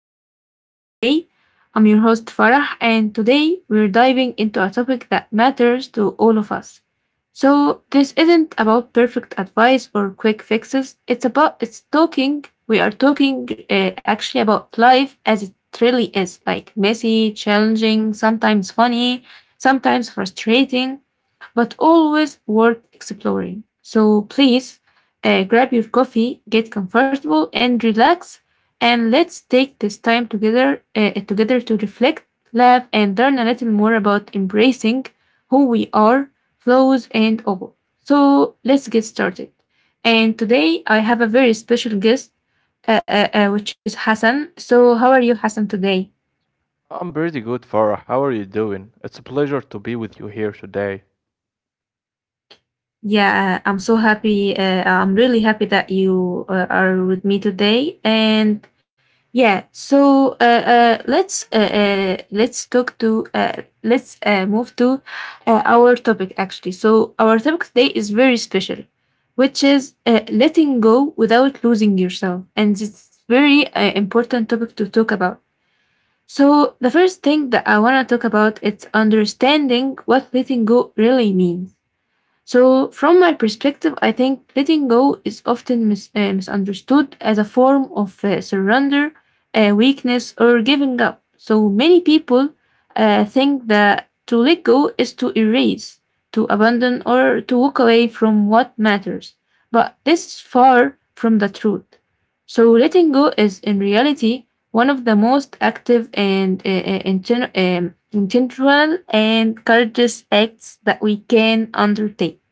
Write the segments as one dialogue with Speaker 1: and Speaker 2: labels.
Speaker 1: our podcast today. I'm your host Farah, and today we're diving into a topic that matters to all of us. So, this isn't about perfect advice or quick fixes. It's about it's talking. We are talking actually about life as it really is, like messy, challenging, sometimes funny, sometimes frustrating but always worth exploring. So please grab your coffee, get comfortable and relax, and let's take this time together together to reflect, laugh, and learn a little more about embracing who we are, flaws and all. So let's get started. And today I have a very special guest, which is Hassan. So how are you, Hassan, today?
Speaker 2: I'm pretty good, Farah. How are you doing? It's a pleasure to be with you here today.
Speaker 1: Yeah, I'm so happy. I'm really happy that you are with me today. And yeah, so let's talk to let's move to our topic actually. So our topic today is very special, which is letting go without losing yourself, and it's very important topic to talk about. So the first thing that I want to talk about is understanding what letting go really means so, from my perspective, I think letting go is often misunderstood as a form of surrender, weakness, or giving up. So, many people think that to let go is to erase, to abandon, or to walk away from what matters. But this is far from the truth. So, letting go is in reality one of the most active and in general and courageous acts that we can undertake.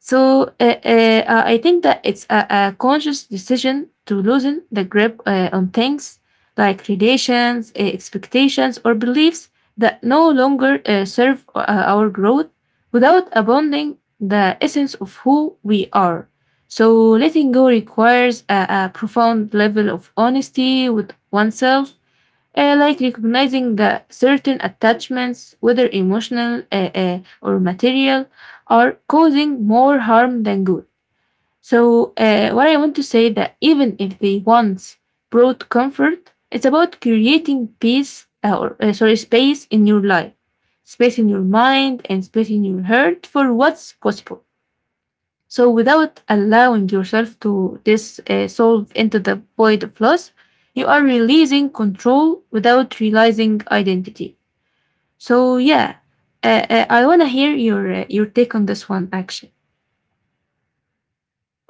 Speaker 1: So I think that it's a conscious decision to loosen the grip on things like relations, expectations, or beliefs that no longer serve our growth without abandoning the essence of who we are. So letting go requires a profound level of honesty with oneself like recognizing that certain attachments, whether emotional or material, are causing more harm than good. So, what I want to say that even if they once brought comfort, it's about creating peace or sorry space in your life, space in your mind, and space in your heart for what's possible. So, without allowing yourself to dissolve into the void of loss, you are releasing control without realizing identity. So, yeah, I want to hear your take on this one, actually.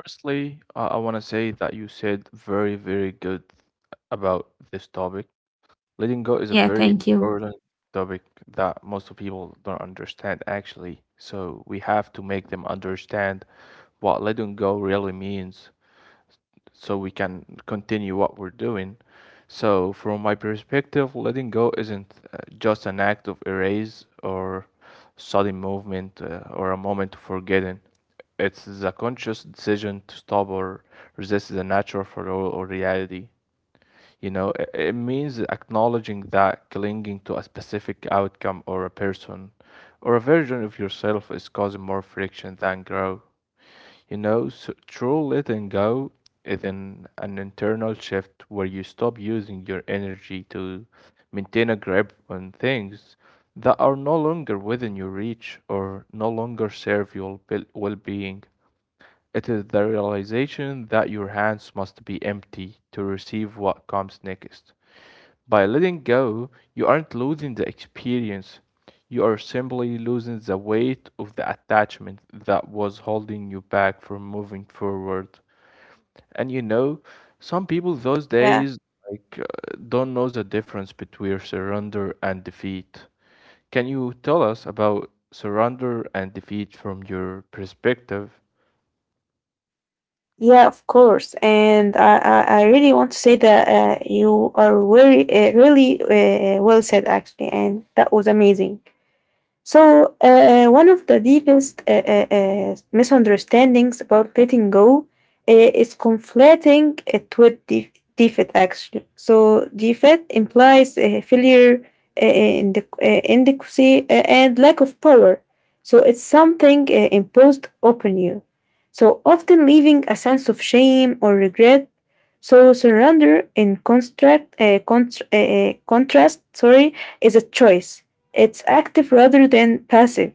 Speaker 2: Firstly, I want to say that you said very, very good about this topic. Letting go is a
Speaker 1: Yeah,
Speaker 2: very
Speaker 1: thank you.
Speaker 2: important topic that most of people don't understand, actually. So we have to make them understand what letting go really means so we can continue what we're doing. So, from my perspective, letting go isn't just an act of erase or sudden movement or a moment of forgetting. It's the conscious decision to stop or resist the natural flow or reality. You know, it means acknowledging that clinging to a specific outcome or a person or a version of yourself is causing more friction than growth. You know, so true letting go is an internal shift where you stop using your energy to maintain a grip on things that are no longer within your reach or no longer serve your well being. It is the realization that your hands must be empty to receive what comes next. By letting go, you aren't losing the experience. You are simply losing the weight of the attachment that was holding you back from moving forward. And you know, some people those
Speaker 1: Yeah,
Speaker 2: days like uh, don't know the difference between surrender and defeat. Can you tell us about surrender and defeat from your perspective?
Speaker 1: yeah, of course. And I really want to say that you are really well said, actually. And that was amazing. So, one of the deepest misunderstandings about letting go is conflating it with defeat, actually. So, defeat implies failure, in the, inadequacy, and lack of power. So, it's something imposed upon you. So, often leaving a sense of shame or regret. So, surrender in contrast, sorry, is a choice it's active rather than passive.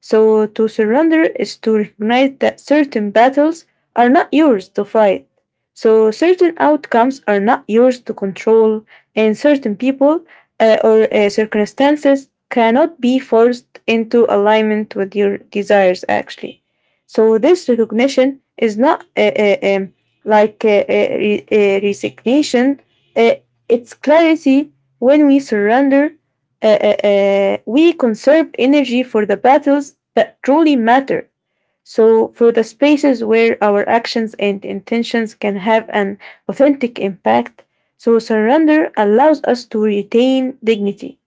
Speaker 1: So to surrender is to recognize that certain battles are not yours to fight. So certain outcomes are not yours to control, and certain people or circumstances cannot be forced into alignment with your desires, actually. So this recognition is not like resignation, uh, it's clarity when we surrender we conserve energy for the battles that truly matter. So, for the spaces where our actions and intentions can have an authentic impact, so surrender allows us to retain dignity,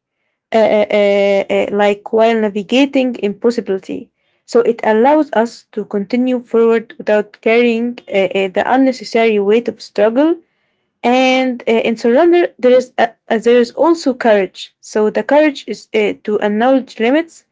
Speaker 1: like while navigating impossibility. So, it allows us to continue forward without carrying the unnecessary weight of struggle and in surrender there is there is also courage so the courage is to acknowledge limits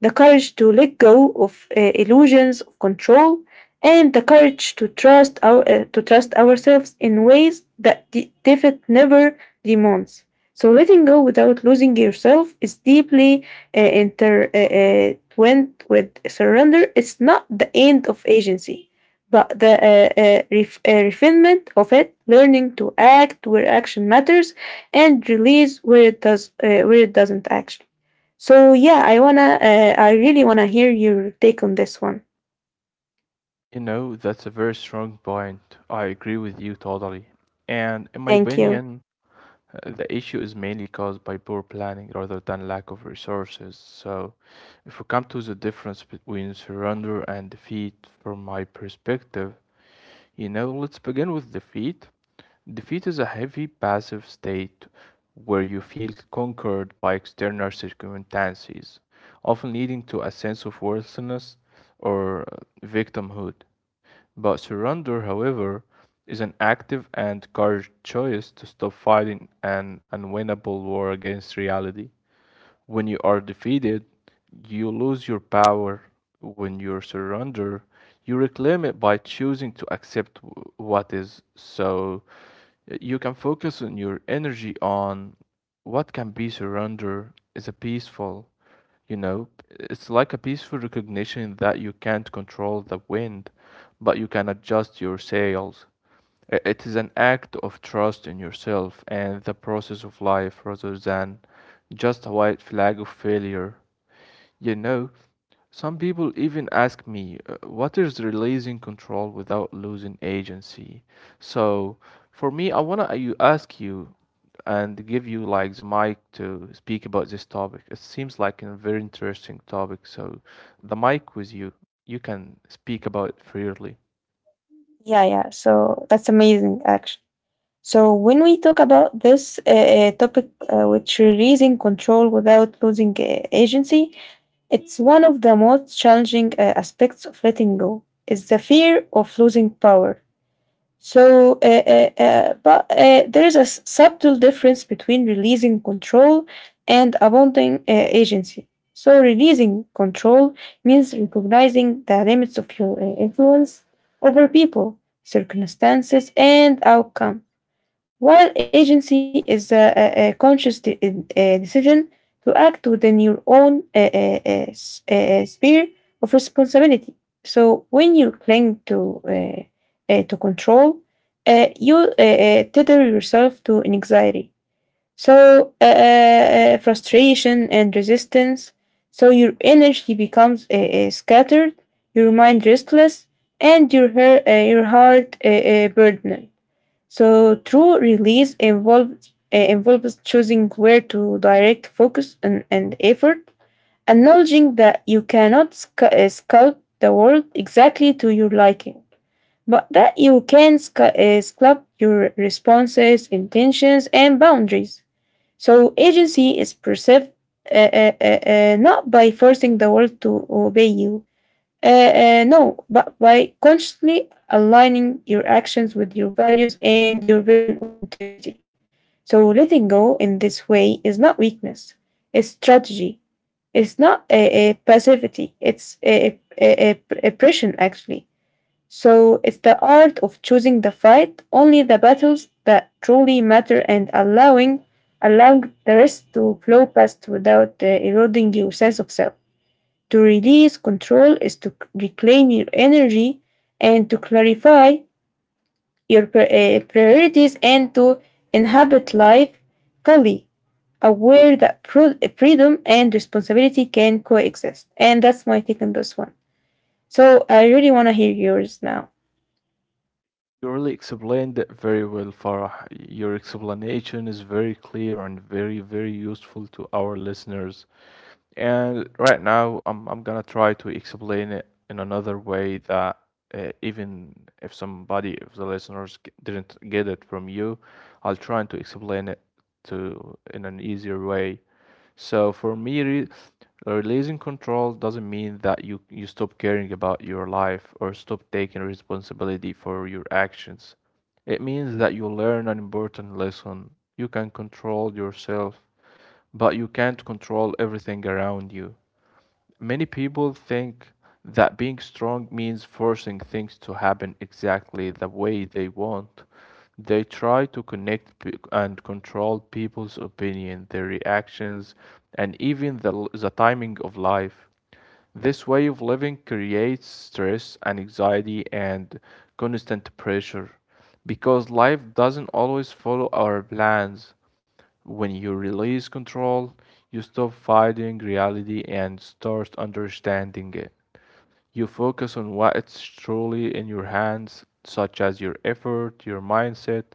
Speaker 1: the courage to let go of illusions of control, and the courage to trust our to trust ourselves in ways that defeat never demands. So letting go without losing yourself is deeply intertwined with surrender. It's not the end of agency, but the refinement of it, learning to act where action matters, and release where it does where it doesn't action. So yeah, I really wanna hear your take on this one.
Speaker 2: You know, that's a very strong point. I agree with you totally. And in my
Speaker 1: Thank you.
Speaker 2: opinion, the issue is mainly caused by poor planning rather than lack of resources. So, if we come to the difference between surrender and defeat, from my perspective, you know, let's begin with defeat. Defeat is a heavy passive state where you feel conquered by external circumstances, often leading to a sense of worthlessness or victimhood. But surrender, however, is an active and courageous choice to stop fighting an unwinnable war against reality. When you are defeated, you lose your power. When you surrender, you reclaim it by choosing to accept what is. So you can focus on your energy on what can be. Surrender is a peaceful, you know, it's like a peaceful recognition that you can't control the wind, but you can adjust your sails. It is an act of trust in yourself and the process of life rather than just a white flag of failure. You know, some people even ask me, what is releasing control without losing agency? So, for me, I want to ask you and give you like the mic to speak about this topic. It seems like a very interesting topic. So, the mic with you. You can speak about it freely.
Speaker 1: Yeah, yeah. So that's amazing, actually. So when we talk about this topic, which releasing control without losing agency, it's one of the most challenging aspects of letting go. Is the fear of losing power. So, but there is a subtle difference between releasing control and abandoning agency. So, releasing control means recognizing the limits of your influence over people, circumstances, and outcomes. While agency is a conscious decision to act within your own sphere of responsibility. So when you cling to control, you tether yourself to anxiety, so frustration and resistance. So your energy becomes scattered, your mind restless, and your your heart burdened. So true release involves choosing where to direct focus and effort, acknowledging that you cannot sculpt the world exactly to your liking, but that you can sculpt your responses, intentions, and boundaries. So agency is perceived not by forcing the world to obey you, no, but by constantly aligning your actions with your values and your vision of integrity. So letting go in this way is not weakness, it's strategy. It's not a passivity, it's a oppression actually. So it's the art of choosing the fight, only the battles that truly matter and allowing the rest to flow past without eroding your sense of self. To release control is to reclaim your energy and to clarify your priorities and to inhabit life fully, aware that freedom and responsibility can coexist. And that's my take on this one. So I really want to hear yours now.
Speaker 2: You really explained it very well, Farah. Your explanation is very clear and very, very useful to our listeners. And right now, I'm gonna try to explain it in another way that even if somebody, if the listeners didn't get it from you, I'll try to explain it to in an easier way. So for me, re releasing control doesn't mean that you stop caring about your life or stop taking responsibility for your actions. It means that you learn an important lesson. You can control yourself, but you can't control everything around you. Many people think that being strong means forcing things to happen exactly the way they want. They try to connect and control people's opinion, their reactions, and even the timing of life. This way of living creates stress and anxiety and constant pressure because life doesn't always follow our plans. When you release control, you stop fighting reality and start understanding it. You focus on what's truly in your hands, such as your effort, your mindset,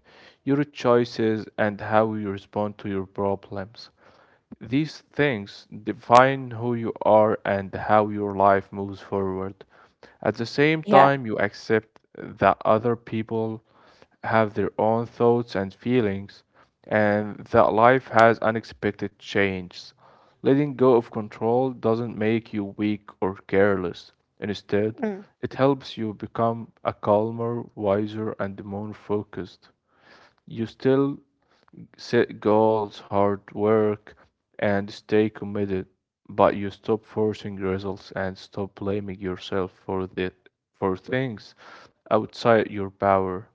Speaker 2: your choices, and how you respond to your problems. These things define who you are and how your life moves forward. At the same
Speaker 1: Yeah.
Speaker 2: time, you accept that other people have their own thoughts and feelings, and that life has unexpected changes. Letting go of control doesn't make you weak or careless. Instead,
Speaker 1: Mm.
Speaker 2: it helps you become a calmer, wiser, and more focused. You still set goals, hard work, and stay committed. But you stop forcing results and stop blaming yourself for the for things outside your power.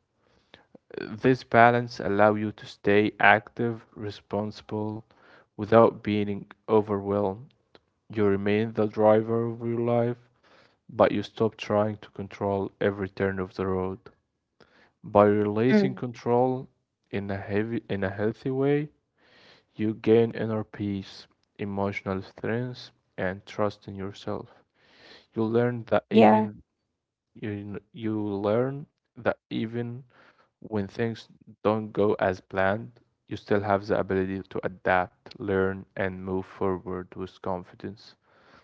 Speaker 2: This balance allow you to stay active, responsible, without being overwhelmed. You remain the driver of your life, but you stop trying to control every turn of the road. By releasing
Speaker 1: Mm.
Speaker 2: control in a healthy way, you gain inner peace, emotional strength, and trust in yourself. You learn that
Speaker 1: Yeah.
Speaker 2: even you learn that even when things don't go as planned, you still have the ability to adapt, learn, and move forward with confidence.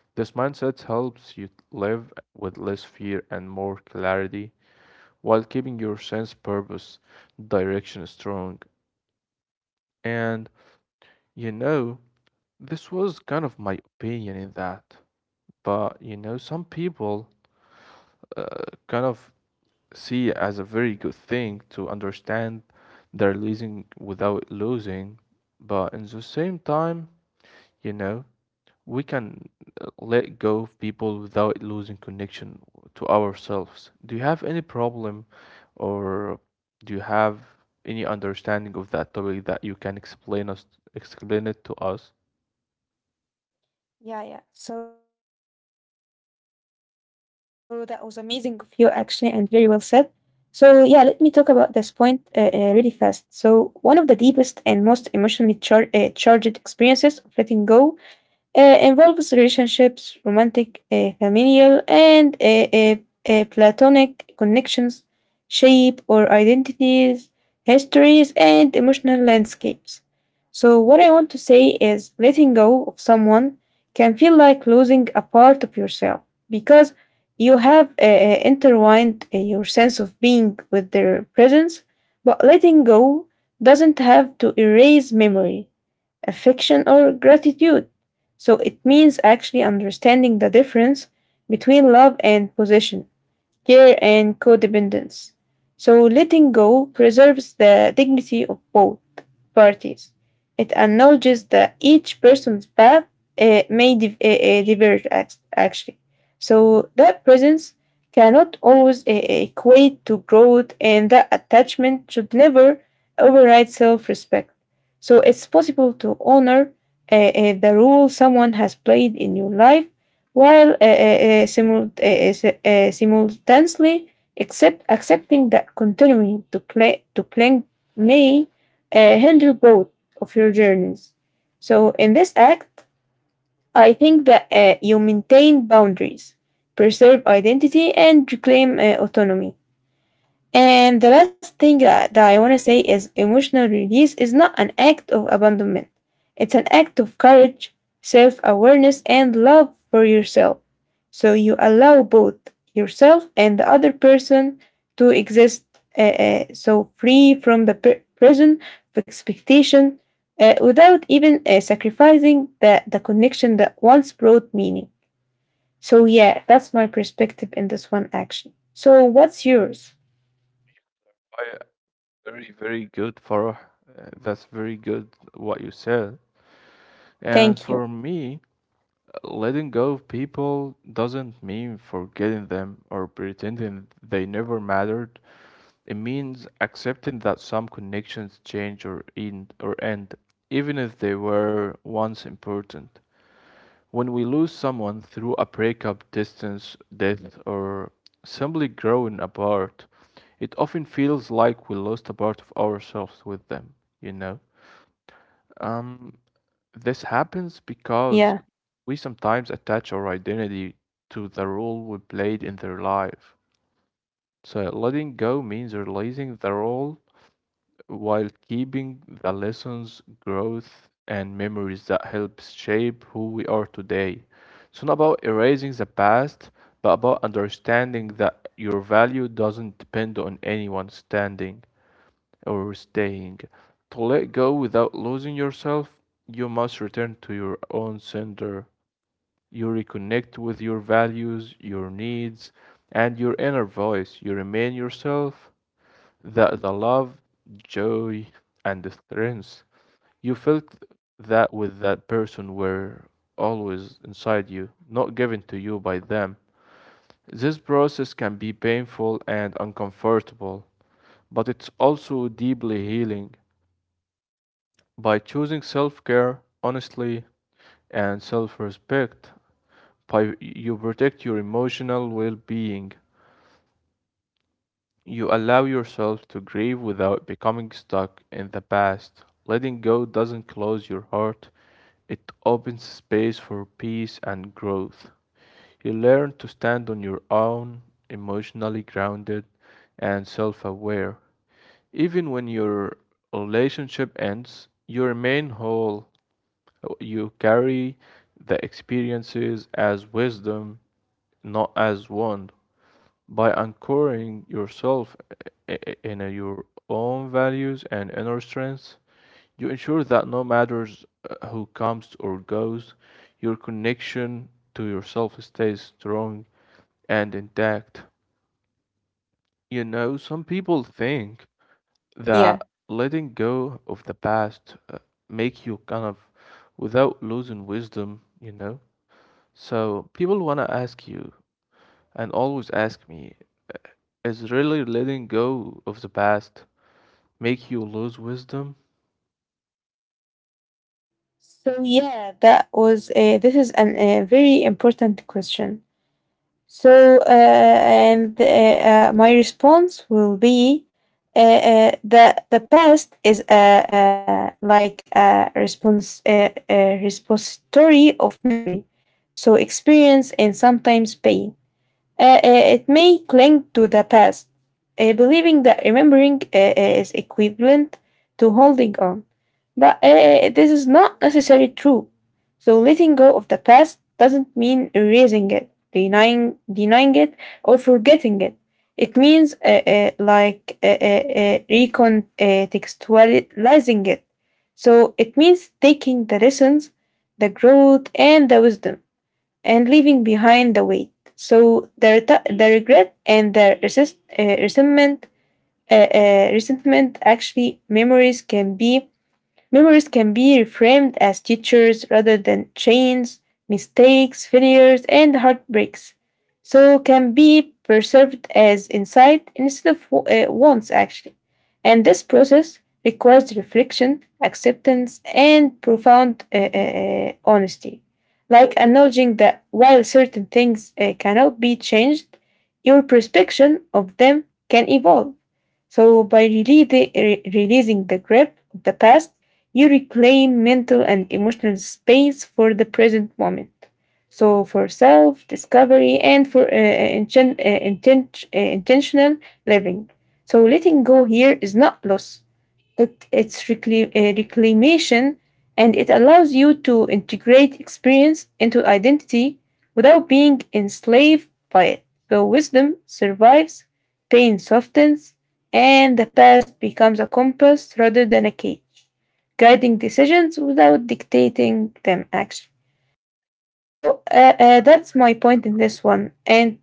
Speaker 2: This mindset helps you live with less fear and more clarity while keeping your sense purpose direction strong. And you know, this was kind of my opinion in that, but you know, some people uh, kind of see it as a very good thing to understand they're losing without losing, but in the same time, you know, we can let go of people without losing connection to ourselves. Do you have any problem or do you have any understanding of that topic that you can explain it to us?
Speaker 1: Yeah, yeah. So that was amazing of you, actually, and very well said. So, yeah, let me talk about this point really fast. So, one of the deepest and most emotionally charged experiences of letting go involves relationships, romantic, familial, and platonic connections, shape or identities, histories, and emotional landscapes. So, what I want to say is letting go of someone can feel like losing a part of yourself because you have intertwined your sense of being with their presence, but letting go doesn't have to erase memory affection, or gratitude. So it means actually understanding the difference between love and possession care, and codependence. So letting go preserves the dignity of both parties. It acknowledges that each person's path diverge, actually. So that presence cannot always equate to growth, and that attachment should never override self respect. So it's possible to honor the role someone has played in your life while simultaneously accepting that continuing to cling may hinder both of your journeys. So, in this act, I think that you maintain boundaries, preserve identity, and reclaim autonomy. And the last thing that I want to say is emotional release is not an act of abandonment. It's an act of courage, self awareness, and love for yourself. So you allow both yourself and the other person to exist so free from the prison of expectation without even sacrificing the connection that once brought meaning. So, yeah, that's my perspective in this one action. So, what's yours?
Speaker 2: Very, very good, Farah. That's very good what you said. And
Speaker 1: Thank you.
Speaker 2: for me, letting go of people doesn't mean forgetting them or pretending they never mattered. It means accepting that some connections change or end, even if they were once important. When we lose someone through a breakup, distance, death, or simply growing apart, it often feels like we lost a part of ourselves with them, you know? Um, this happens because
Speaker 1: Yeah,
Speaker 2: we sometimes attach our identity to the role we played in their life. So letting go means releasing the role while keeping the lessons, growth, and memories that helps shape who we are today. It's not about erasing the past, but about understanding that your value doesn't depend on anyone's standing or staying. To let go without losing yourself, you must return to your own center. You reconnect with your values, your needs, and your inner voice. You remain yourself, that the love, joy, and the strength you felt that with that person were always inside you, not given to you by them. This process can be painful and uncomfortable, but it's also deeply healing. By choosing self care honestly and self respect, you protect your emotional well being. You allow yourself to grieve without becoming stuck in the past. Letting go doesn't close your heart, it opens space for peace and growth. You learn to stand on your own, emotionally grounded and self aware. Even when your relationship ends, you remain whole. You carry the experiences as wisdom, not as wand. By anchoring yourself in your own values and inner strengths, you ensure that no matter who comes or goes, your connection to yourself stays strong and intact. You know, some people think
Speaker 1: yeah.
Speaker 2: that letting go of the past make you kind of without losing wisdom, you know. So people wanna ask you, and always ask me, is really letting go of the past make you lose wisdom?
Speaker 1: So yeah, that was a, this is an, a very important question. So and my response will be the past is like a repository of memory, so experience and sometimes pain. It may cling to the past, believing that remembering is equivalent to holding on. But this is not necessarily true. So letting go of the past doesn't mean erasing it, denying it, or forgetting it. It means recontextualizing it. So it means taking the lessons, the growth, and the wisdom and leaving behind the weight. So the regret and the resentment actually Memories can be reframed as teachers rather than chains, mistakes, failures, and heartbreaks. So can be preserved as insight instead of wants, actually. And this process requires reflection, acceptance, and profound honesty. Like acknowledging that while certain things cannot be changed, your perception of them can evolve. So by releasing the grip of the past, you reclaim mental and emotional space for the present moment. So for self discovery and for intentional living. So letting go here is not loss, it's reclamation, and it allows you to integrate experience into identity without being enslaved by it. So wisdom survives, pain softens, and the past becomes a compass rather than a cage, guiding decisions without dictating them. Actually, so that's my point in this one, and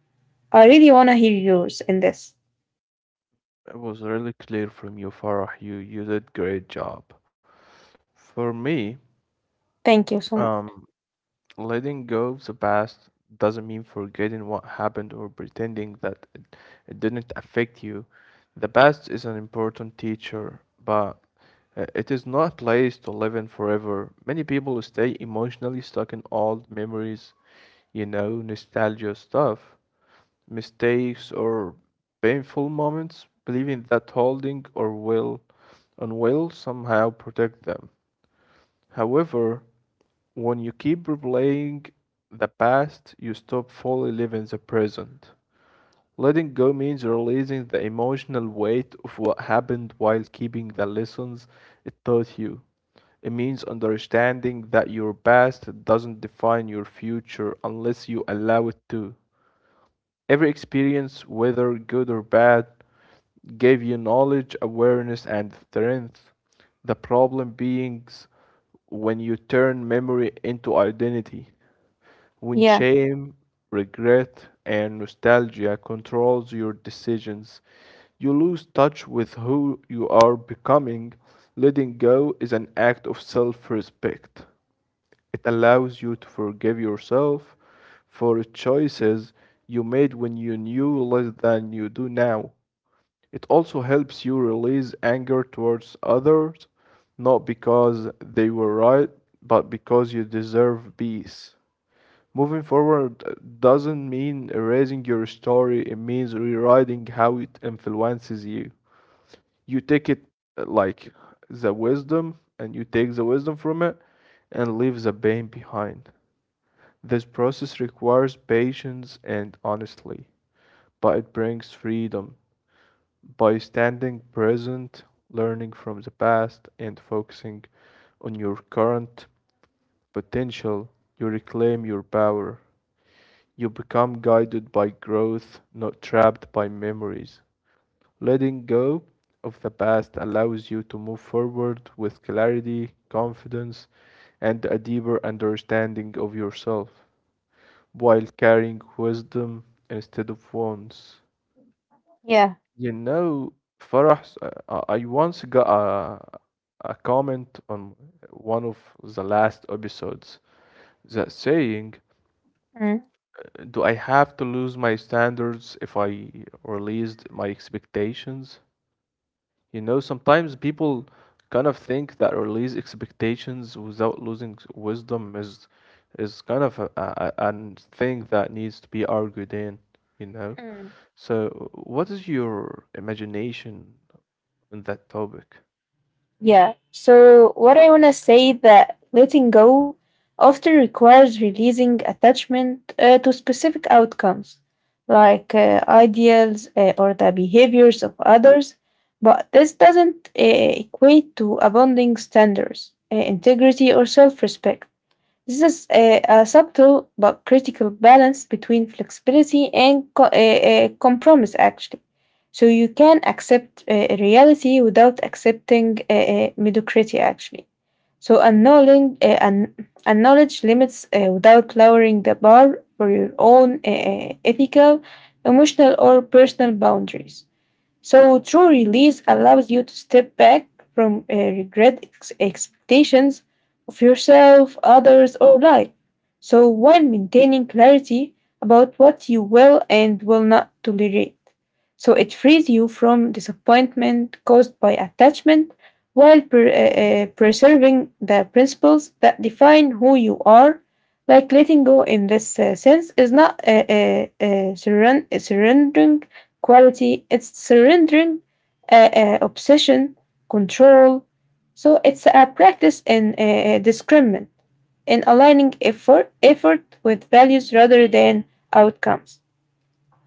Speaker 1: I really want to hear yours in this.
Speaker 2: It was really clear from you, Farah. You did great job. For me,
Speaker 1: Thank you so much.
Speaker 2: um, letting go of the past doesn't mean forgetting what happened or pretending that it didn't affect you. The past is an important teacher, but it is not a place to live in forever. Many people stay emotionally stuck in old memories, you know, nostalgia stuff, mistakes, or painful moments, believing that holding or will on will somehow protect them. However, when you keep replaying the past, you stop fully living the present. Letting go means releasing the emotional weight of what happened while keeping the lessons it taught you. It means understanding that your past doesn't define your future unless you allow it to. Every experience, whether good or bad, gave you knowledge, awareness, and strength. The problem beings when you turn memory into identity, when
Speaker 1: Yeah.
Speaker 2: shame, regret, and nostalgia controls your decisions, you lose touch with who you are becoming. Letting go is an act of self respect. It allows you to forgive yourself for choices you made when you knew less than you do now. It also helps you release anger towards others, not because they were right, but because you deserve peace. Moving forward doesn't mean erasing your story, it means rewriting how it influences you. You take it uh, like the wisdom, and you take the wisdom from it and leave the pain behind. This process requires patience and honesty, but it brings freedom by standing present, learning from the past, and focusing on your current potential, you reclaim your power. You become guided by growth, not trapped by memories. Letting go of the past allows you to move forward with clarity, confidence, and a deeper understanding of yourself while carrying wisdom instead of wounds.
Speaker 1: Yeah.
Speaker 2: You know, Farah, I once got a comment on one of the last episodes that saying,
Speaker 1: Mm.
Speaker 2: do I have to lose my standards if I released my expectations? You know, sometimes people kind of think that release expectations without losing wisdom is kind of a an thing that needs to be argued in, you know?
Speaker 1: Mm.
Speaker 2: So, what is your imagination on that topic?
Speaker 1: Yeah. So what I want to say that letting go often requires releasing attachment to specific outcomes, like ideals or the behaviors of others. But this doesn't equate to abounding standards, integrity, or self respect. This is a subtle but critical balance between flexibility and a compromise, actually. So you can accept reality without accepting mediocrity, actually. So annulling, acknowledge limits without lowering the bar for your own ethical, emotional, or personal boundaries. So true release allows you to step back from regret expectations of yourself, others, or life. So while maintaining clarity about what you will and will not tolerate. So it frees you from disappointment caused by attachment while preserving the principles that define who you are. Like letting go in this sense is not surrendering quality. It's surrendering obsession, control. So it's a practice in discernment, in aligning effort with values rather than outcomes.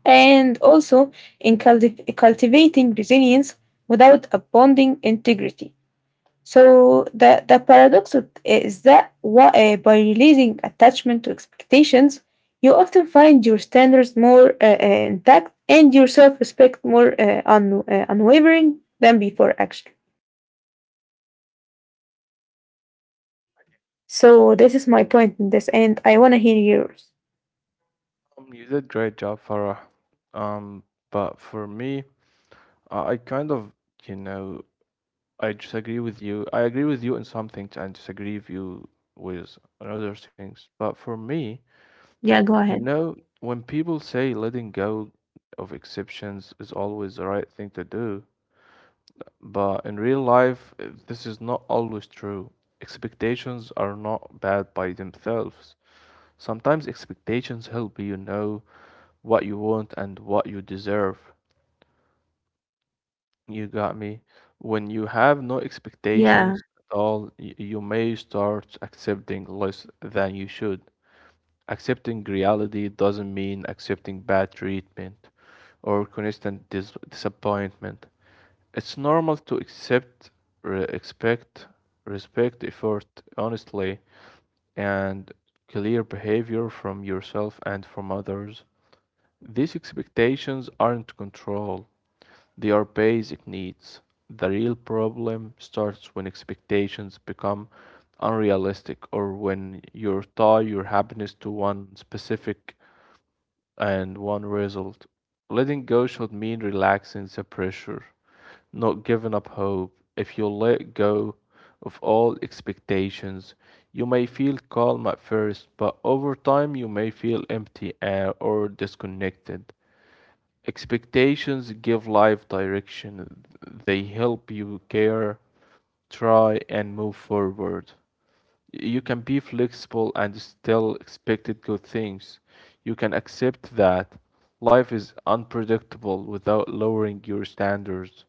Speaker 1: And also in cultivating resilience without abandoning integrity. So the paradox is that by releasing attachment to expectations, you often find your standards more intact and your self-respect more unwavering than before, actually. So this is my point in this, and I want to hear yours.
Speaker 2: You did great job, Farah. Um, but for me, I kind of, you know, I disagree with you. I agree with you in some things and disagree with you with on other things. But for me,
Speaker 1: Yeah, go
Speaker 2: you
Speaker 1: ahead.
Speaker 2: know, when people say letting go of exceptions is always the right thing to do, but in real life, this is not always true. Expectations are not bad by themselves. Sometimes expectations help you know what you want and what you deserve. You got me. When you have no
Speaker 1: Yeah,
Speaker 2: expectations at all, you may start accepting less than you should. Accepting reality doesn't mean accepting bad treatment or constant disappointment. It's normal to accept, re expect, respect effort honestly, and clear behavior from yourself and from others. These expectations aren't control. They are basic needs. The real problem starts when expectations become unrealistic or when you tie your happiness to one specific and one result. Letting go should mean relaxing the pressure, not giving up hope. If you let go of all expectations, you may feel calm at first, but over time you may feel empty or disconnected. Expectations give life direction. They help you care, try, and move forward. You can be flexible and still expect good things. You can accept that life is unpredictable without lowering your standards.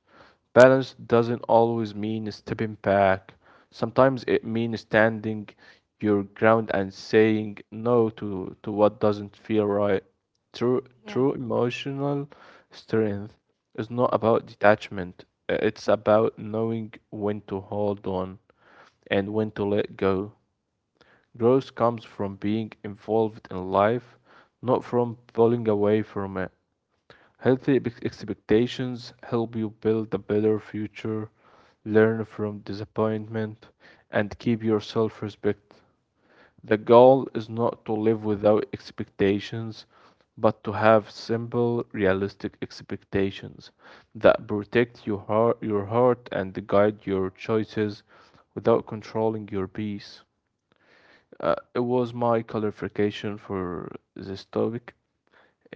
Speaker 2: Balance doesn't always mean stepping back. Sometimes it means standing your ground and saying no to what doesn't feel right. True,
Speaker 1: yeah,
Speaker 2: true emotional strength is not about detachment, it's about knowing when to hold on and when to let go. Growth comes from being involved in life, not from pulling away from it. Healthy expectations help you build a better future, learn from disappointment, and keep your self respect. The goal is not to live without expectations, but to have simple, realistic expectations that protect your heart and guide your choices without controlling your peace. It was my clarification for this topic,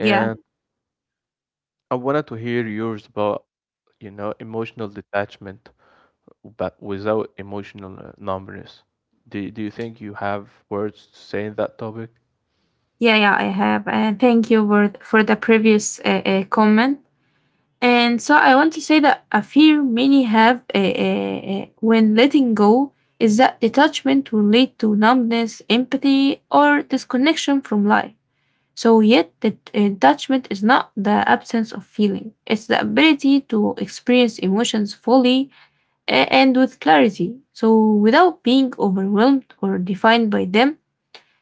Speaker 1: yeah,
Speaker 2: I wanted to hear yours about, you know, emotional detachment, but without emotional numbness. Do you think you have words to say in that topic?
Speaker 1: yeah, yeah. I have, and thank you for the previous comment. And so I want to say that a fear many have when letting go is that detachment will lead to numbness, empathy, or disconnection from life. So yet, the detachment is not the absence of feeling, it's the ability to experience emotions fully and with clarity. So without being overwhelmed or defined by them,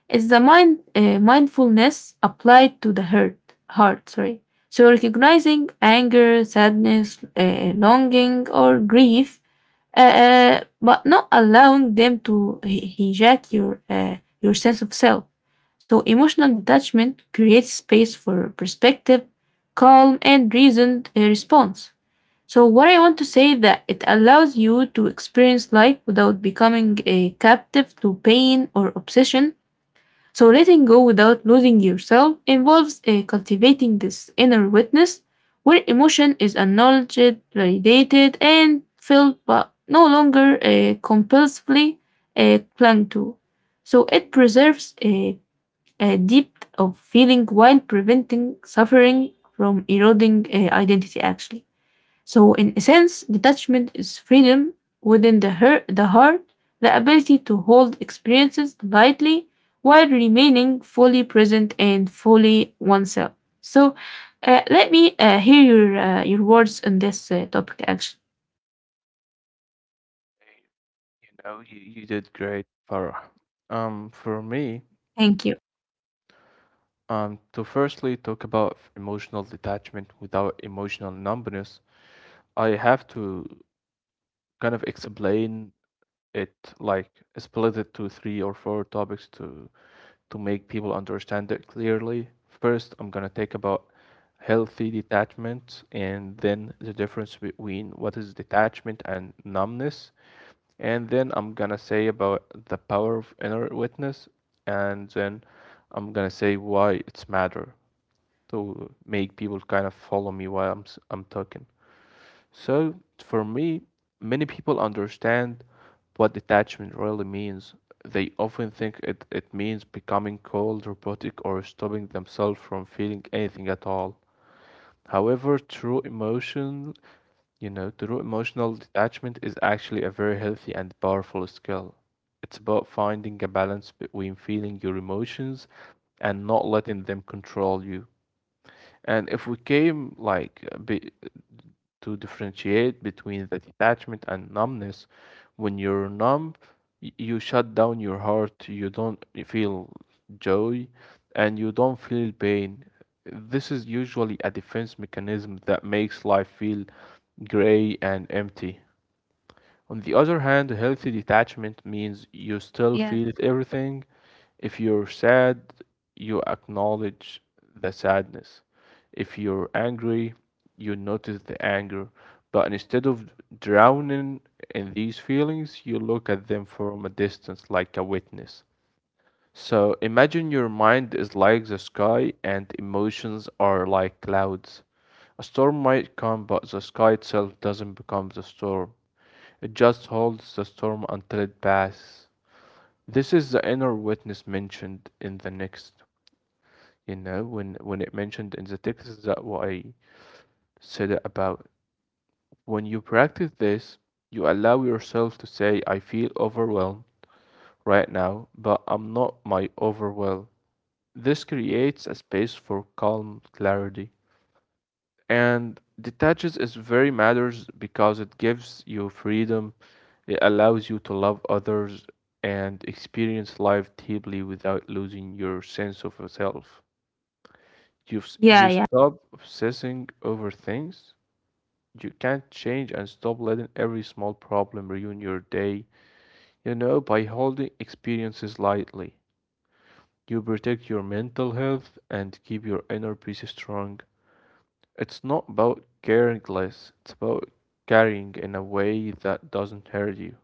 Speaker 1: it's the mindfulness applied to the heart. Heart, sorry. So recognizing anger, sadness, longing, or grief, but not allowing them to hijack your your sense of self. So emotional detachment creates space for perspective, calm, and reasoned response. So what I want to say that it allows you to experience life without becoming a captive to pain or obsession. So letting go without losing yourself involves cultivating this inner witness where emotion is acknowledged, validated, and felt but no longer compulsively clung to. So it preserves a depth of feeling while preventing suffering from eroding identity, actually. So in essence, detachment is freedom within the heart, the ability to hold experiences lightly while remaining fully present and fully oneself. So let me hear your words on this topic. Actually,
Speaker 2: You know, you did great, Farah. For me,
Speaker 1: thank you.
Speaker 2: to firstly talk about emotional detachment without emotional numbness, I have to kind of explain it like split it to three or four topics to make people understand it clearly. First, I'm going to talk about healthy detachment and then the difference between what is detachment and numbness. And then I'm going to say about the power of inner witness. And then I'm going to say why it's matter to make people kind of follow me while I'm talking. So, for me, many people understand what detachment really means. They often think it means becoming cold, robotic, or stopping themselves from feeling anything at all. However, true emotional detachment is actually a very healthy and powerful skill. It's about finding a balance between feeling your emotions and not letting them control you. And if we came like be, to differentiate between the detachment and numbness. When you're numb, you shut down your heart, you don't feel joy, and you don't feel pain. This is usually a defense mechanism that makes life feel gray and empty. On the other hand, healthy detachment means you still
Speaker 1: Yeah.
Speaker 2: feel everything. If you're sad, you acknowledge the sadness. If you're angry, you notice the anger. But instead of drowning in these feelings, you look at them from a distance like a witness. So imagine your mind is like the sky and emotions are like clouds. A storm might come, but the sky itself doesn't become the storm. It just holds the storm until it passes. This is the inner witness mentioned in the next, you know, when it mentioned in the text, is that what I said about. When you practice this, you allow yourself to say, I feel overwhelmed right now, but I'm not my overwhelm. This creates a space for calm clarity. And detaches is very matters because it gives you freedom, it allows you to love others and experience life deeply without losing your sense of self. You
Speaker 1: Yeah,
Speaker 2: you
Speaker 1: yeah,
Speaker 2: stop obsessing over things you can't change and stop letting every small problem ruin your day. You know, by holding experiences lightly, you protect your mental health and keep your inner peace strong. It's not about caring less, it's about caring in a way that doesn't hurt you.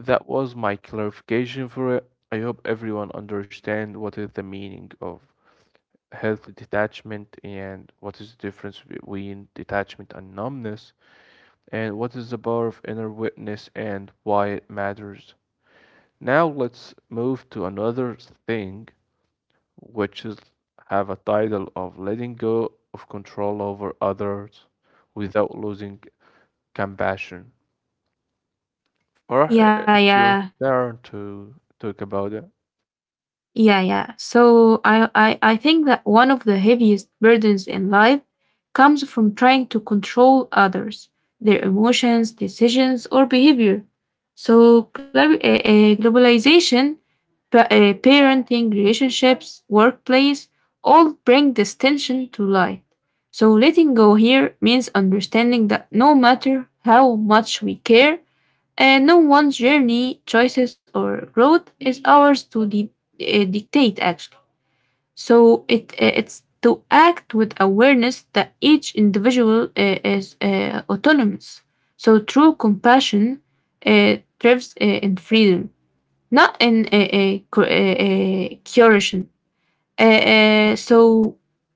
Speaker 2: That was my clarification for it. I hope everyone understand what is the meaning of healthy detachment and what is the difference between detachment and numbness, and what is the power of inner witness and why it matters. Now let's move to another thing which is have a title of letting go of control over others without losing compassion. Farah,
Speaker 1: yeah,
Speaker 2: it's
Speaker 1: yeah.
Speaker 2: your turn to talk about it.
Speaker 1: Yeah, yeah. So I think that one of the heaviest burdens in life comes from trying to control others, their emotions, decisions, or behavior. So globalization, parenting, relationships, workplace, all bring this tension to light. So letting go here means understanding that no matter how much we care, and no one's journey, choices, or growth is ours to dictate, actually. So it it's to act with awareness that each individual is autonomous. So true compassion thrives in freedom, not in coercion. So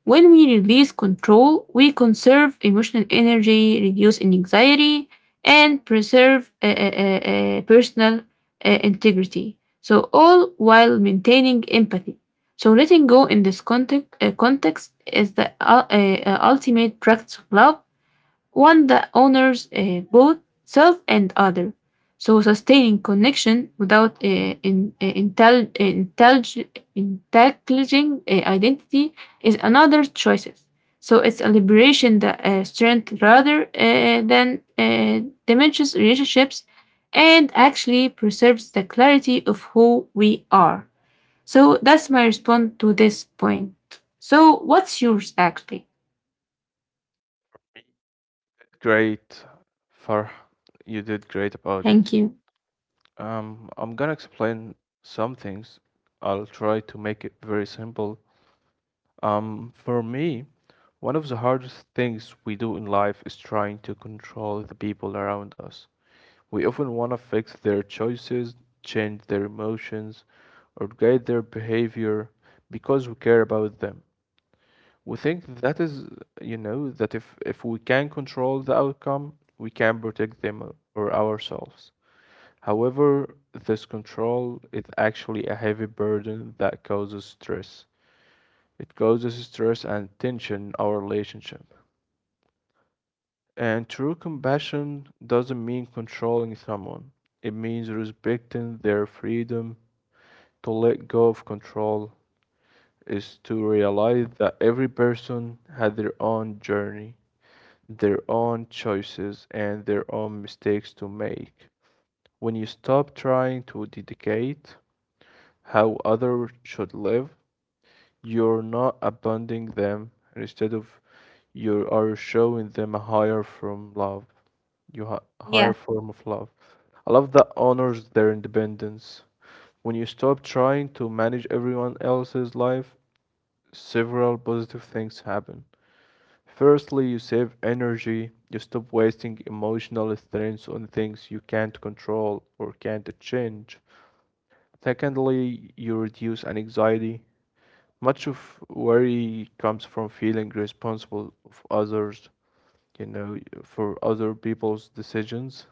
Speaker 1: when we release control, we conserve emotional energy, reduce anxiety, and preserve personal integrity. So all while maintaining empathy. So letting go in this context is the ultimate practice of love, one that honors both self and other. So sustaining connection without intelligent identity is another choice. So it's a liberation that strength rather than diminishes relationships and actually preserves the clarity of who we are. So that's my response to this point. So what's yours actually?
Speaker 2: Great, Farah, you did great about it.
Speaker 1: Thank you.
Speaker 2: I'm gonna explain some things. I'll try to make it very simple. For me, one of the hardest things we do in life is trying to control the people around us. We often want to fix their choices, change their emotions, or guide their behavior because we care about them. We think that is, you know, that if we can control the outcome, we can protect them or ourselves. However, this control is actually a heavy burden that causes stress. It causes stress and tension in our relationship. And true compassion doesn't mean controlling someone. It means respecting their freedom. To let go of control is to realize that every person had their own journey, their own choices, and their own mistakes to make. When you stop trying to dictate how others should live, you're not abandoning them. Instead of, you are showing them a higher form love.
Speaker 1: Yeah.
Speaker 2: Higher form of love. A love that honors their independence. When you stop trying to manage everyone else's life, several positive things happen. Firstly, you save energy. You stop wasting emotional strength on things you can't control or can't change. Secondly, you reduce anxiety. Much of worry comes from feeling responsible of others, you know, for other people's decisions.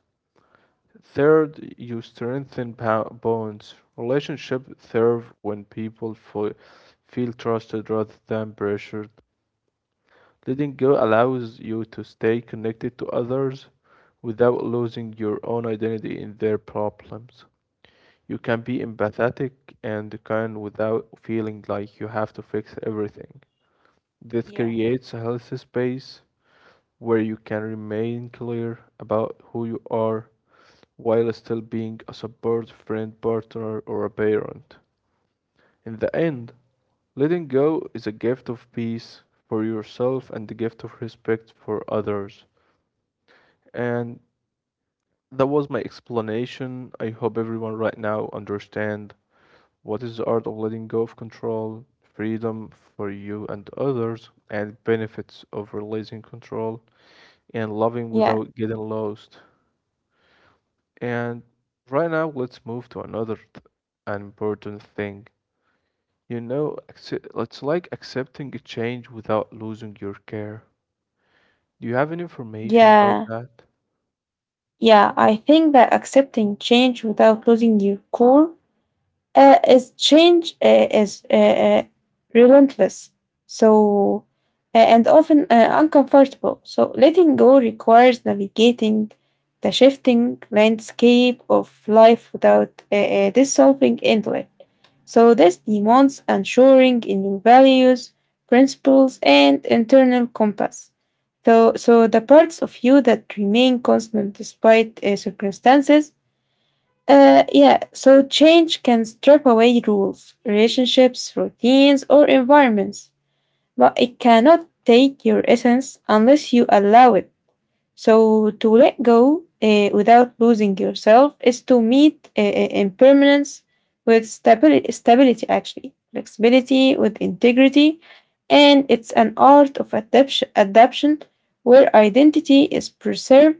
Speaker 2: Third, you strengthen bonds. Relationships thrive when people feel trusted rather than pressured. Letting go allows you to stay connected to others without losing your own identity in their problems. You can be empathetic and kind without feeling like you have to fix everything. This
Speaker 1: Yeah.
Speaker 2: creates a healthy space where you can remain clear about who you are while still being a support friend, partner, or a parent. In the end, letting go is a gift of peace for yourself and the gift of respect for others. And that was my explanation. I hope everyone right now understand what is the art of letting go of control, freedom for you and others, and benefits of releasing control and loving
Speaker 1: Yeah.
Speaker 2: without getting lost. And right now, let's move to another an important thing. You know, accept, it's like accepting a change without losing your care. Do you have any information about
Speaker 1: Yeah,
Speaker 2: that?
Speaker 1: yeah. I think that accepting change without losing your core is relentless. So and often uncomfortable. So letting go requires navigating the shifting landscape of life without dissolving into it. So this demands ensuring in your values, principles, and internal compass. So, so the parts of you that remain constant despite circumstances. Yeah, so change can strip away rules, relationships, routines, or environments, but it cannot take your essence unless you allow it. So to let go without losing yourself is to meet impermanence with stability actually, flexibility with integrity, and it's an art of adaptation where identity is preserved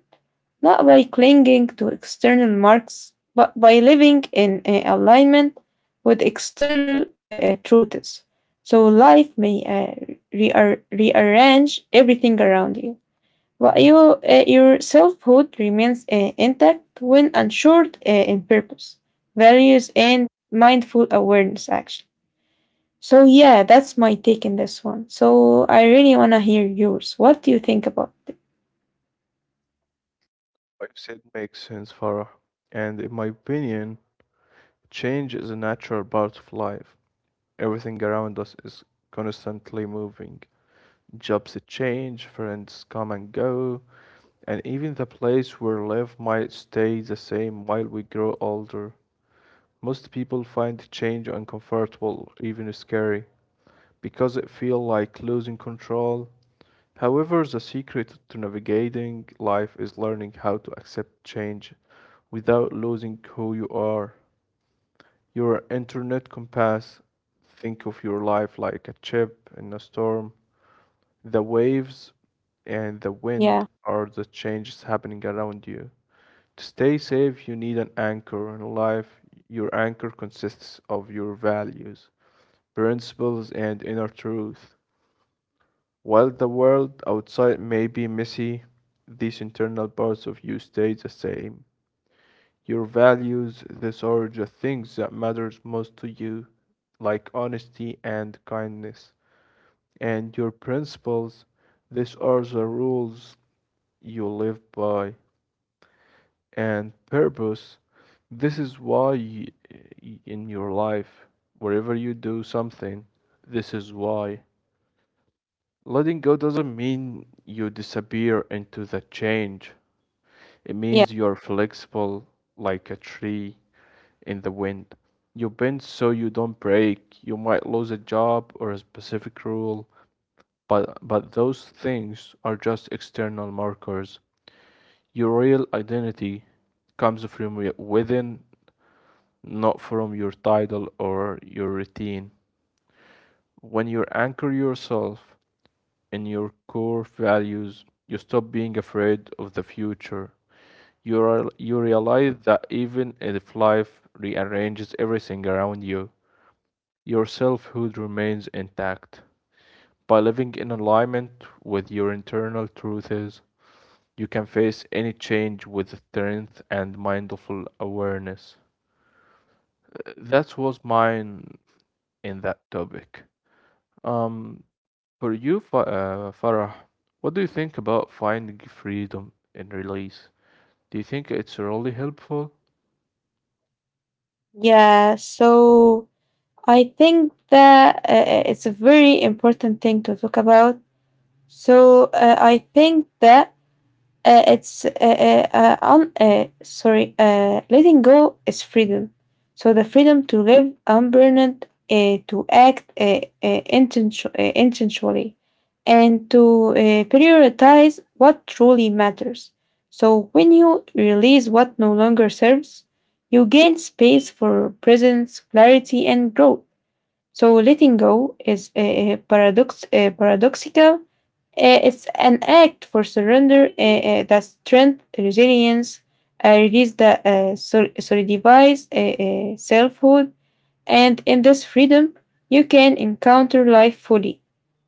Speaker 1: not by clinging to external marks, but by living in alignment with external truths. So life may rearrange everything around you. But your selfhood remains intact when ensured in purpose, values, and mindful awareness, actually. So yeah, that's my take in this one. So I really want to hear yours. What do you think about it?
Speaker 2: What you said makes sense, Farah. And in my opinion, change is a natural part of life. Everything around us is constantly moving. Jobs change, friends come and go, and even the place we live might stay the same while we grow older. Most people find change uncomfortable, even scary, because it feels like losing control. However, the secret to navigating life is learning how to accept change without losing who you are. Your internet compass, think of your life like a chip in a storm. The waves and the wind
Speaker 1: Yeah,
Speaker 2: are the changes happening around you. To stay safe, you need an anchor in life. Your anchor consists of your values, principles, and inner truth. While the world outside may be messy, these internal parts of you stay the same. Your values, these are the things that matters most to you, like honesty and kindness. And your principles, these are the rules you live by. And purpose. This is why in your life, wherever you do something, this is why. Letting go doesn't mean you disappear into the change, it
Speaker 1: yeah,
Speaker 2: means you're flexible like a tree in the wind. You bend so you don't break. You might lose a job or a specific rule, but those things are just external markers. Your real identity comes from within, not from your title or your routine. When you anchor yourself in your core values, you stop being afraid of the future. You realize that even if life rearranges everything around you, your selfhood remains intact. By living in alignment with your internal truths, you can face any change with strength and mindful awareness. That was mine in that topic. Um, For you, Farah, what do you think about finding freedom in release? Do you think it's really helpful?
Speaker 1: yeah. So I think that it's a very important thing to talk about. So I think that it's un, sorry, letting go is freedom. So the freedom to live unburdened, to act intentionally, and to prioritize what truly matters. So when you release what no longer serves, you gain space for presence, clarity, and growth. So letting go is a paradoxical, it's an act for surrender that strength, resilience, release the solidifies selfhood, and in this freedom, you can encounter life fully,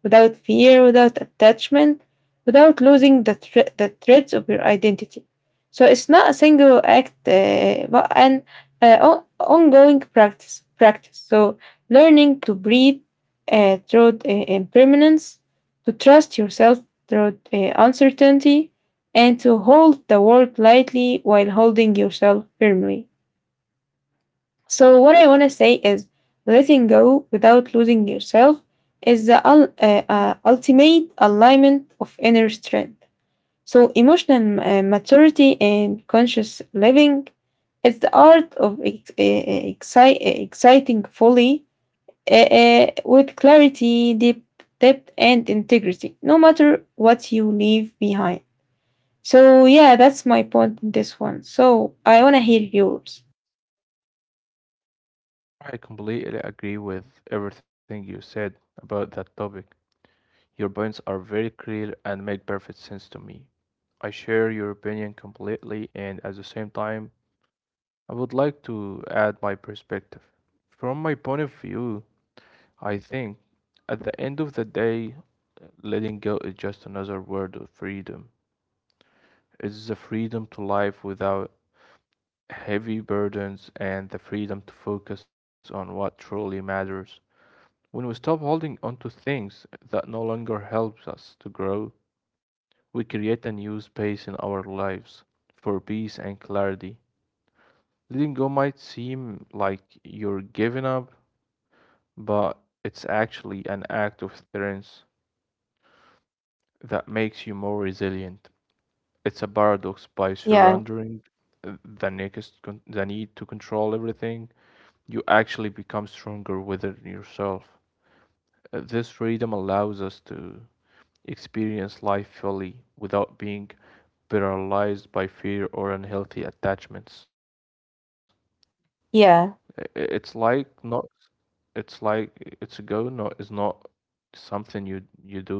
Speaker 1: without fear, without attachment, without losing the threads of your identity. So it's not a single act, but an ongoing practice. Practice. So learning to breathe through impermanence, to trust yourself through uncertainty, and to hold the world lightly while holding yourself firmly. So what I want to say is letting go without losing yourself is the ultimate alignment of inner strength. So emotional maturity and conscious living is the art of exciting fully with clarity, depth, and integrity, no matter what you leave behind. So yeah, that's my point in this one. So I want to hear yours.
Speaker 2: I completely agree with everything you said about that topic. Your points are very clear and make perfect sense to me. I share your opinion completely, and at the same time, I would like to add my perspective. From my point of view, I think at the end of the day, letting go is just another word of freedom. It's the freedom to live without heavy burdens, and the freedom to focus on what truly matters. When we stop holding onto things that no longer helps us to grow, we create a new space in our lives for peace and clarity. Letting go might seem like you're giving up, but it's actually an act of strength that makes you more resilient. It's a paradox: by
Speaker 1: Yeah,
Speaker 2: surrendering uh, the need to control everything, you actually become stronger within yourself. This freedom allows us to experience life fully without being paralyzed by fear or unhealthy attachments. I- i- It's
Speaker 1: yeah,
Speaker 2: like not, it's like it's not something you do just once.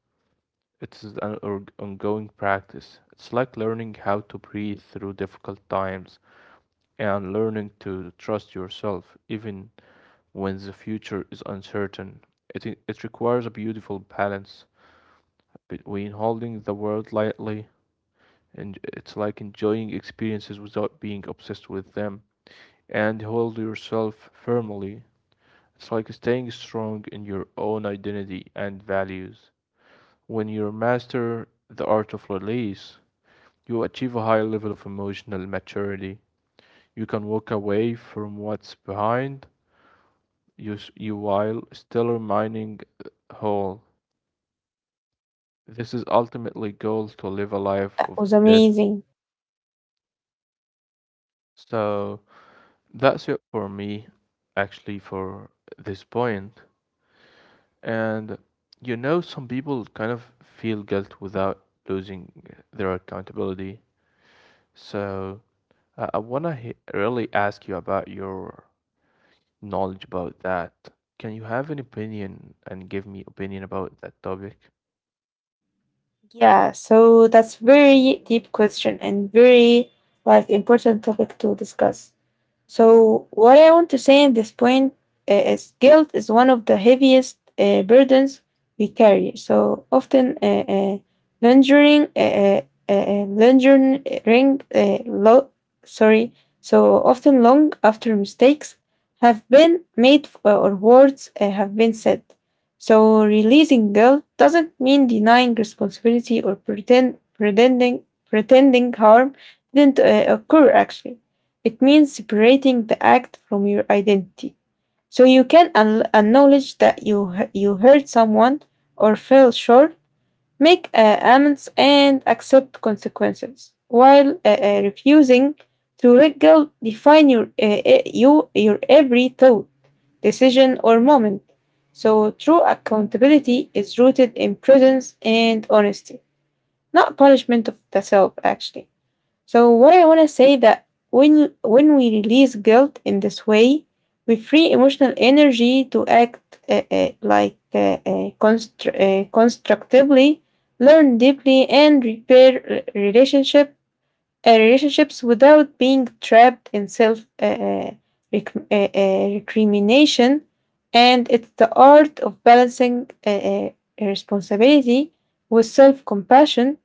Speaker 2: It's an ongoing practice. It's like learning how to breathe through difficult times and learning to trust yourself even when the future is uncertain. It requires a beautiful balance between holding the world lightly and it's like enjoying experiences without being obsessed with them, and hold yourself firmly. It's like staying strong in your own identity and values. When you master the art of release, you achieve a high level of emotional maturity. You can walk away from what's behind you, while still remaining uh, whole. This is ultimately goal to
Speaker 1: yeah.
Speaker 2: live a life
Speaker 1: That
Speaker 2: of
Speaker 1: was
Speaker 2: death.
Speaker 1: amazing.
Speaker 2: So that's it for me, actually, for this point. And you know, some people kind of feel guilt without losing their accountability. So I want to really ask you about your knowledge about that. Can you have an opinion and give me opinion about that topic?
Speaker 1: Yeah, so that's very deep question and very like important topic to discuss. So what I want to say in this point is guilt is one of the heaviest burdens we carry. So often lingering, uh, uh, lingering, sorry, so often long after mistakes have been made or words have been said. So releasing guilt doesn't mean denying responsibility or pretending harm didn't occur, actually. It means separating the act from your identity. So you can acknowledge that you hurt someone or fell short, make amends, and accept consequences, while refusing to let go define your you your every thought, decision, or moment. So true accountability is rooted in presence and honesty, not punishment of the self. Actually. So what I want to say that when we release guilt in this way, we free emotional energy to act constructively, learn deeply, and repair relationships without being trapped in self recrimination. And it's the art of balancing responsibility with self compassion,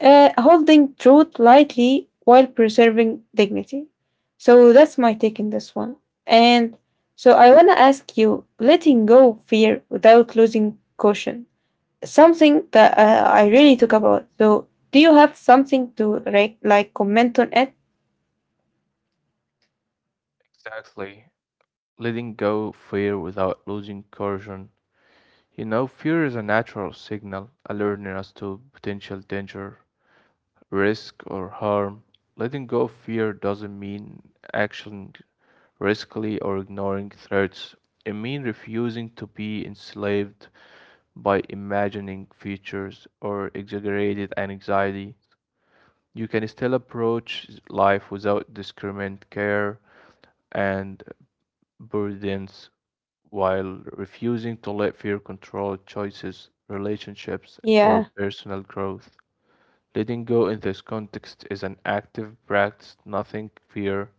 Speaker 1: holding truth lightly while preserving dignity. So that's my take in this one. And so I want to ask you letting go of fear without losing caution, something that I really took about. So do you have something to like comment on it?
Speaker 2: Exactly. Letting go fear without losing courage. You know, fear is a natural signal alerting us to potential danger, risk, or harm. Letting go of fear doesn't mean acting riskily or ignoring threats. It means refusing to be enslaved by imagining futures or exaggerated anxiety. You can still approach life without discriminate care and burdens, while refusing to let fear control choices, relationships, or
Speaker 1: Yeah.
Speaker 2: personal growth. Letting go in this context is an active practice, nothing fear,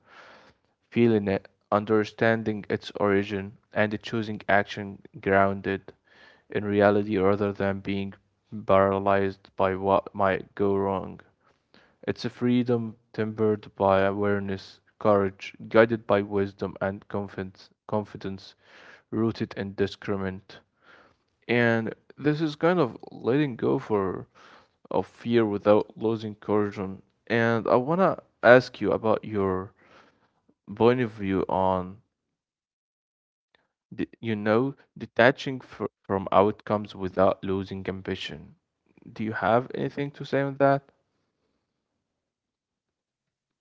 Speaker 2: feeling it, understanding its origin, and choosing action grounded in reality rather than being paralyzed by what might go wrong. It's a freedom tempered by awareness, courage, guided by wisdom and confidence, rooted in discernment. And this is kind of letting go for of fear without losing courage on, and I want to ask you about your point of view on the, you know, detaching from outcomes without losing ambition. Do you have anything to say on that?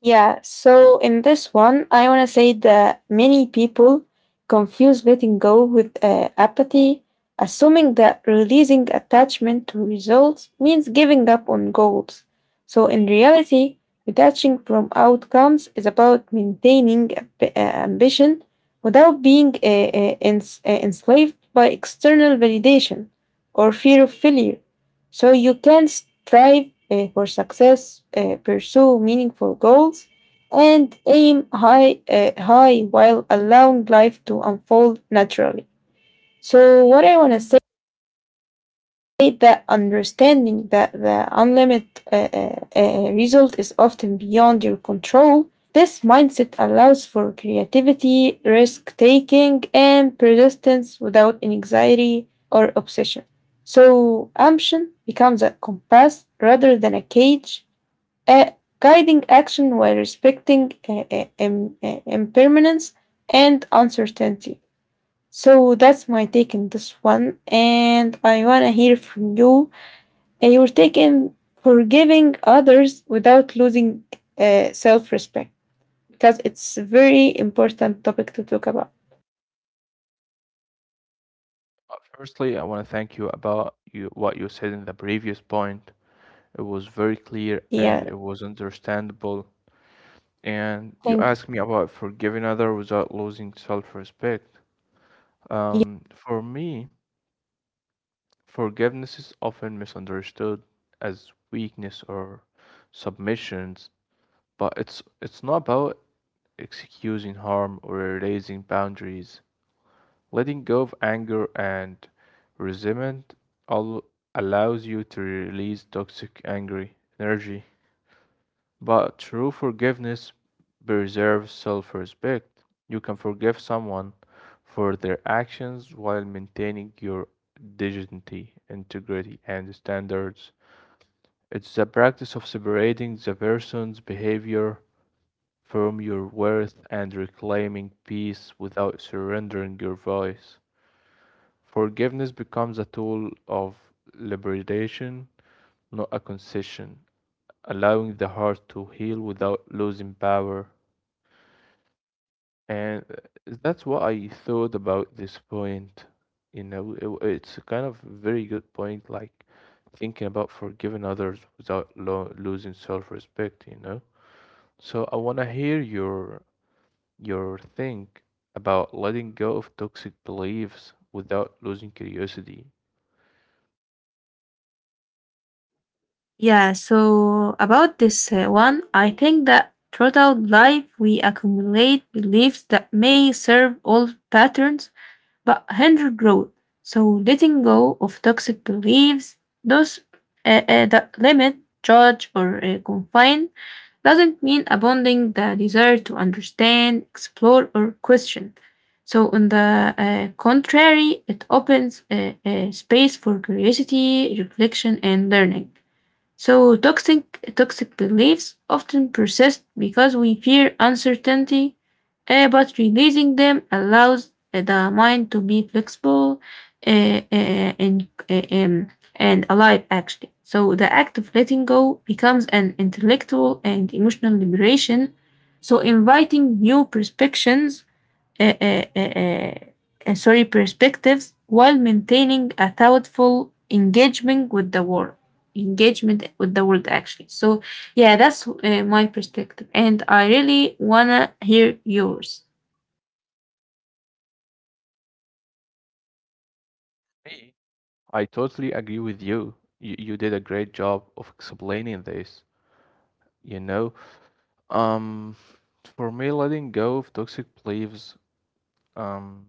Speaker 1: Yeah, so in this one, I want to say that many people confuse letting go with apathy, assuming that releasing attachment to results means giving up on goals. So in reality, detaching from outcomes is about maintaining ambition without being enslaved by external validation or fear of failure. So you can strive for success, pursue meaningful goals, and aim high, while allowing life to unfold naturally. So, what I want to say that understanding that the unlimited result is often beyond your control, this mindset allows for creativity, risk taking, and persistence without anxiety or obsession. So, ambition becomes a compass rather than a cage, uh, guiding action while respecting impermanence and uncertainty. So, that's my take on this one, and I want to hear from you and you're taken for giving others without losing self respect because it's a very important topic to talk about.
Speaker 2: Firstly, I want to thank you about you what you said in the previous point. It was very clear and
Speaker 1: Yeah,
Speaker 2: it was understandable. And you
Speaker 1: thank
Speaker 2: asked me about forgiving other without losing self-respect.
Speaker 1: you.
Speaker 2: For me, forgiveness is often misunderstood as weakness or submissions, but it's not about excusing harm or erasing boundaries. Letting go of anger and resentment all allows you to release toxic angry energy. But true forgiveness preserves self respect. You can forgive someone for their actions while maintaining your dignity, integrity, and standards. It's the practice of separating the person's behavior from your worth and reclaiming peace without surrendering your voice. Forgiveness becomes a tool of liberation, not a concession, allowing the heart to heal without losing power. And that's what I thought about this point. You know, it's a kind of very good point, like thinking about forgiving others without lo losing self-respect, you know? So I want to hear your think about letting go of toxic beliefs without losing curiosity.
Speaker 1: Yeah, so about this one, I think that throughout life we accumulate beliefs that may serve old patterns but hinder growth. So letting go of toxic beliefs, those that limit, judge, or confine doesn't mean abandoning the desire to understand, explore, or question. So, on the contrary, it opens a space for curiosity, reflection, and learning. So toxic beliefs often persist because we fear uncertainty, but releasing them allows the mind to be flexible uh, uh, and uh, um, and alive actually. So the act of letting go becomes an intellectual and emotional liberation. So inviting new perspectives uh, uh, uh, perspectives while maintaining a thoughtful engagement with the world. Engagement with the world, actually. So, yeah, that's my perspective, and I really wanna hear yours.
Speaker 2: Me? I totally agree with you. You did a great job of explaining this, you know? Um, for me, letting go of toxic beliefs. Um,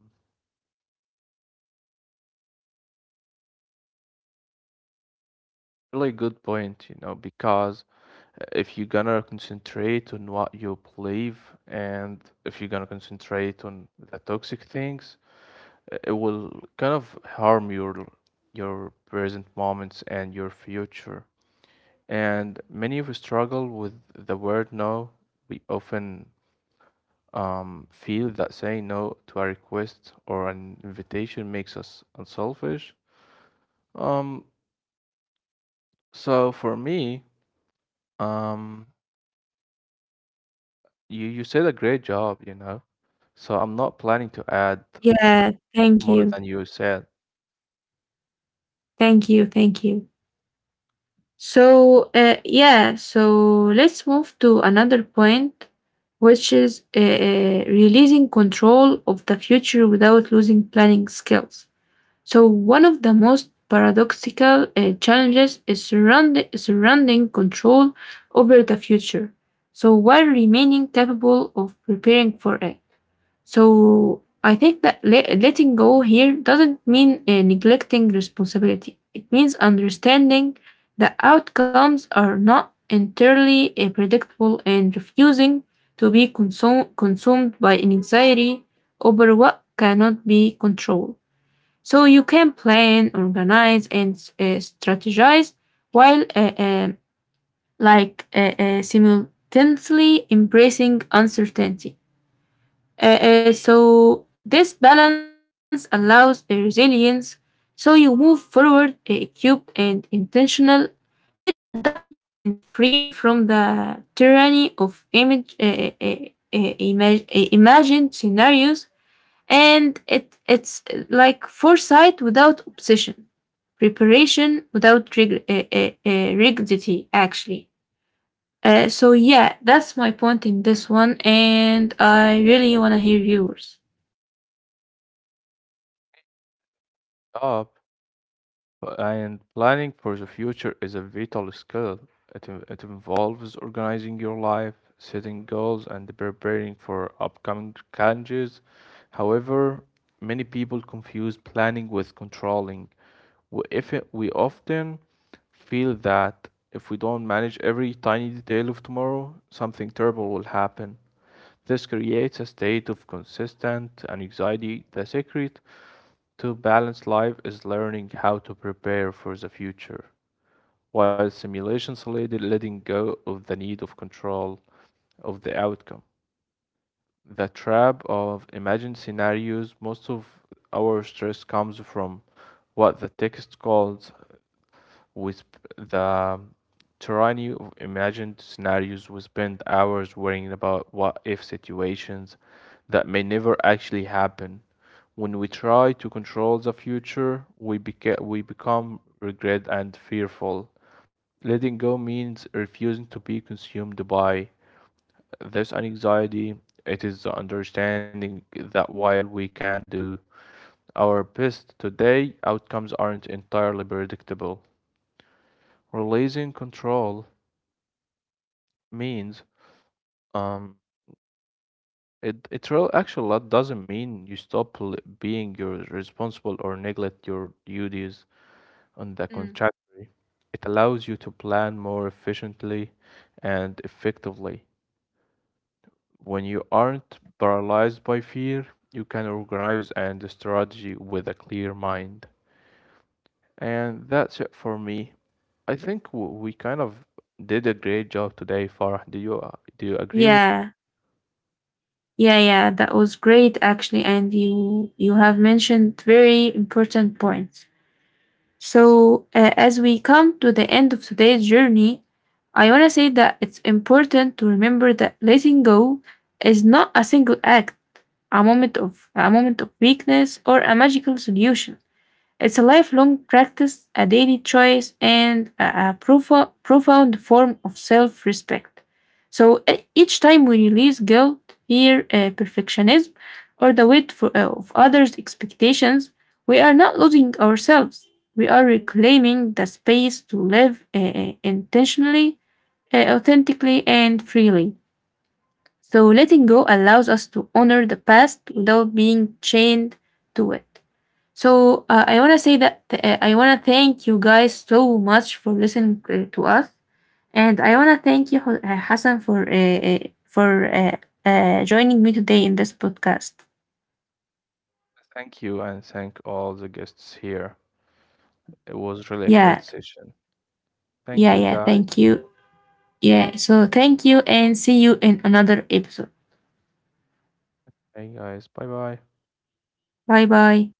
Speaker 2: really good point, you know, because if you're gonna concentrate on what you believe, and if you're gonna concentrate on the toxic things, it will kind of harm your present moments and your future. And many of us struggle with the word no. We often feel that saying no to a request or an invitation makes us unselfish. Um, so for me, um, You you said a great job, you know. So I'm not planning to add
Speaker 1: Yeah,
Speaker 2: more than you said
Speaker 1: thank you. So, yeah, so let's move to another point, which is releasing control of the future without losing planning skills. So one of the most paradoxical challenges is surrounding control over the future. So while remaining capable of preparing for it. So I think that letting go here doesn't mean neglecting responsibility. It means understanding the outcomes are not entirely predictable and refusing to be consumed by anxiety over what cannot be controlled. So you can plan, organize, and strategize while simultaneously embracing uncertainty. So this balance allows a resilience. So you move forward equipped and intentional, yet adaptable and free from the tyranny of imagined scenarios, and it's like foresight without obsession, preparation without rigidity, actually. So yeah, that's my point in this one, and I really want to hear yours.
Speaker 2: up, but- and planning for the future is a vital skill. It involves organizing your life, setting goals, and preparing for upcoming challenges. However, many people confuse planning with controlling. If it, we often feel that if we don't manage every tiny detail of tomorrow, something terrible will happen. This creates a state of consistent anxiety. The secret to balanced life is learning how to prepare for the future, while simulation solely letting go of the need of control of the outcome. The trap of imagined scenarios, most of our stress comes from what the text calls with the tyranny of imagined scenarios. We spend hours worrying about what if situations that may never actually happen. When we try to control the future, we, we become regret and fearful. Letting go means refusing to be consumed by this anxiety. It is the understanding that while we can do our best today, outcomes aren't entirely predictable. Releasing control means um it real actually, that doesn't mean you stop being your responsible or neglect your duties. On the
Speaker 1: Mm.
Speaker 2: contrary, it allows you to plan more efficiently and effectively. When you aren't paralyzed by fear, you can organize and strategy with a clear mind. And that's it for me. I think we kind of did a great job today, Farah. Do you do you agree with
Speaker 1: yeah yeah, that was great actually, and you have mentioned very important points. So as we come to the end of today's journey, I want to say that it's important to remember that letting go is not a single act, a moment of weakness or a magical solution. It's a lifelong practice, a daily choice, and a profound form of self respect. So each time we release guilt, fear, perfectionism, or the weight for, of others' expectations, we are not losing ourselves. We are reclaiming the space to live intentionally, authentically, and freely. So letting go allows us to honor the past without being chained to it. So I want to say that I want to thank you guys so much for listening to us, and I want to thank you, Hassan, for for uh, joining me today in this podcast.
Speaker 2: thank you, and thank all the guests here. It was really a great
Speaker 1: Yeah,
Speaker 2: session. Thank you
Speaker 1: yeah.
Speaker 2: guys.
Speaker 1: Thank you. Yeah. So thank you, and see you in another episode.
Speaker 2: Hey guys. Bye bye.
Speaker 1: Bye bye.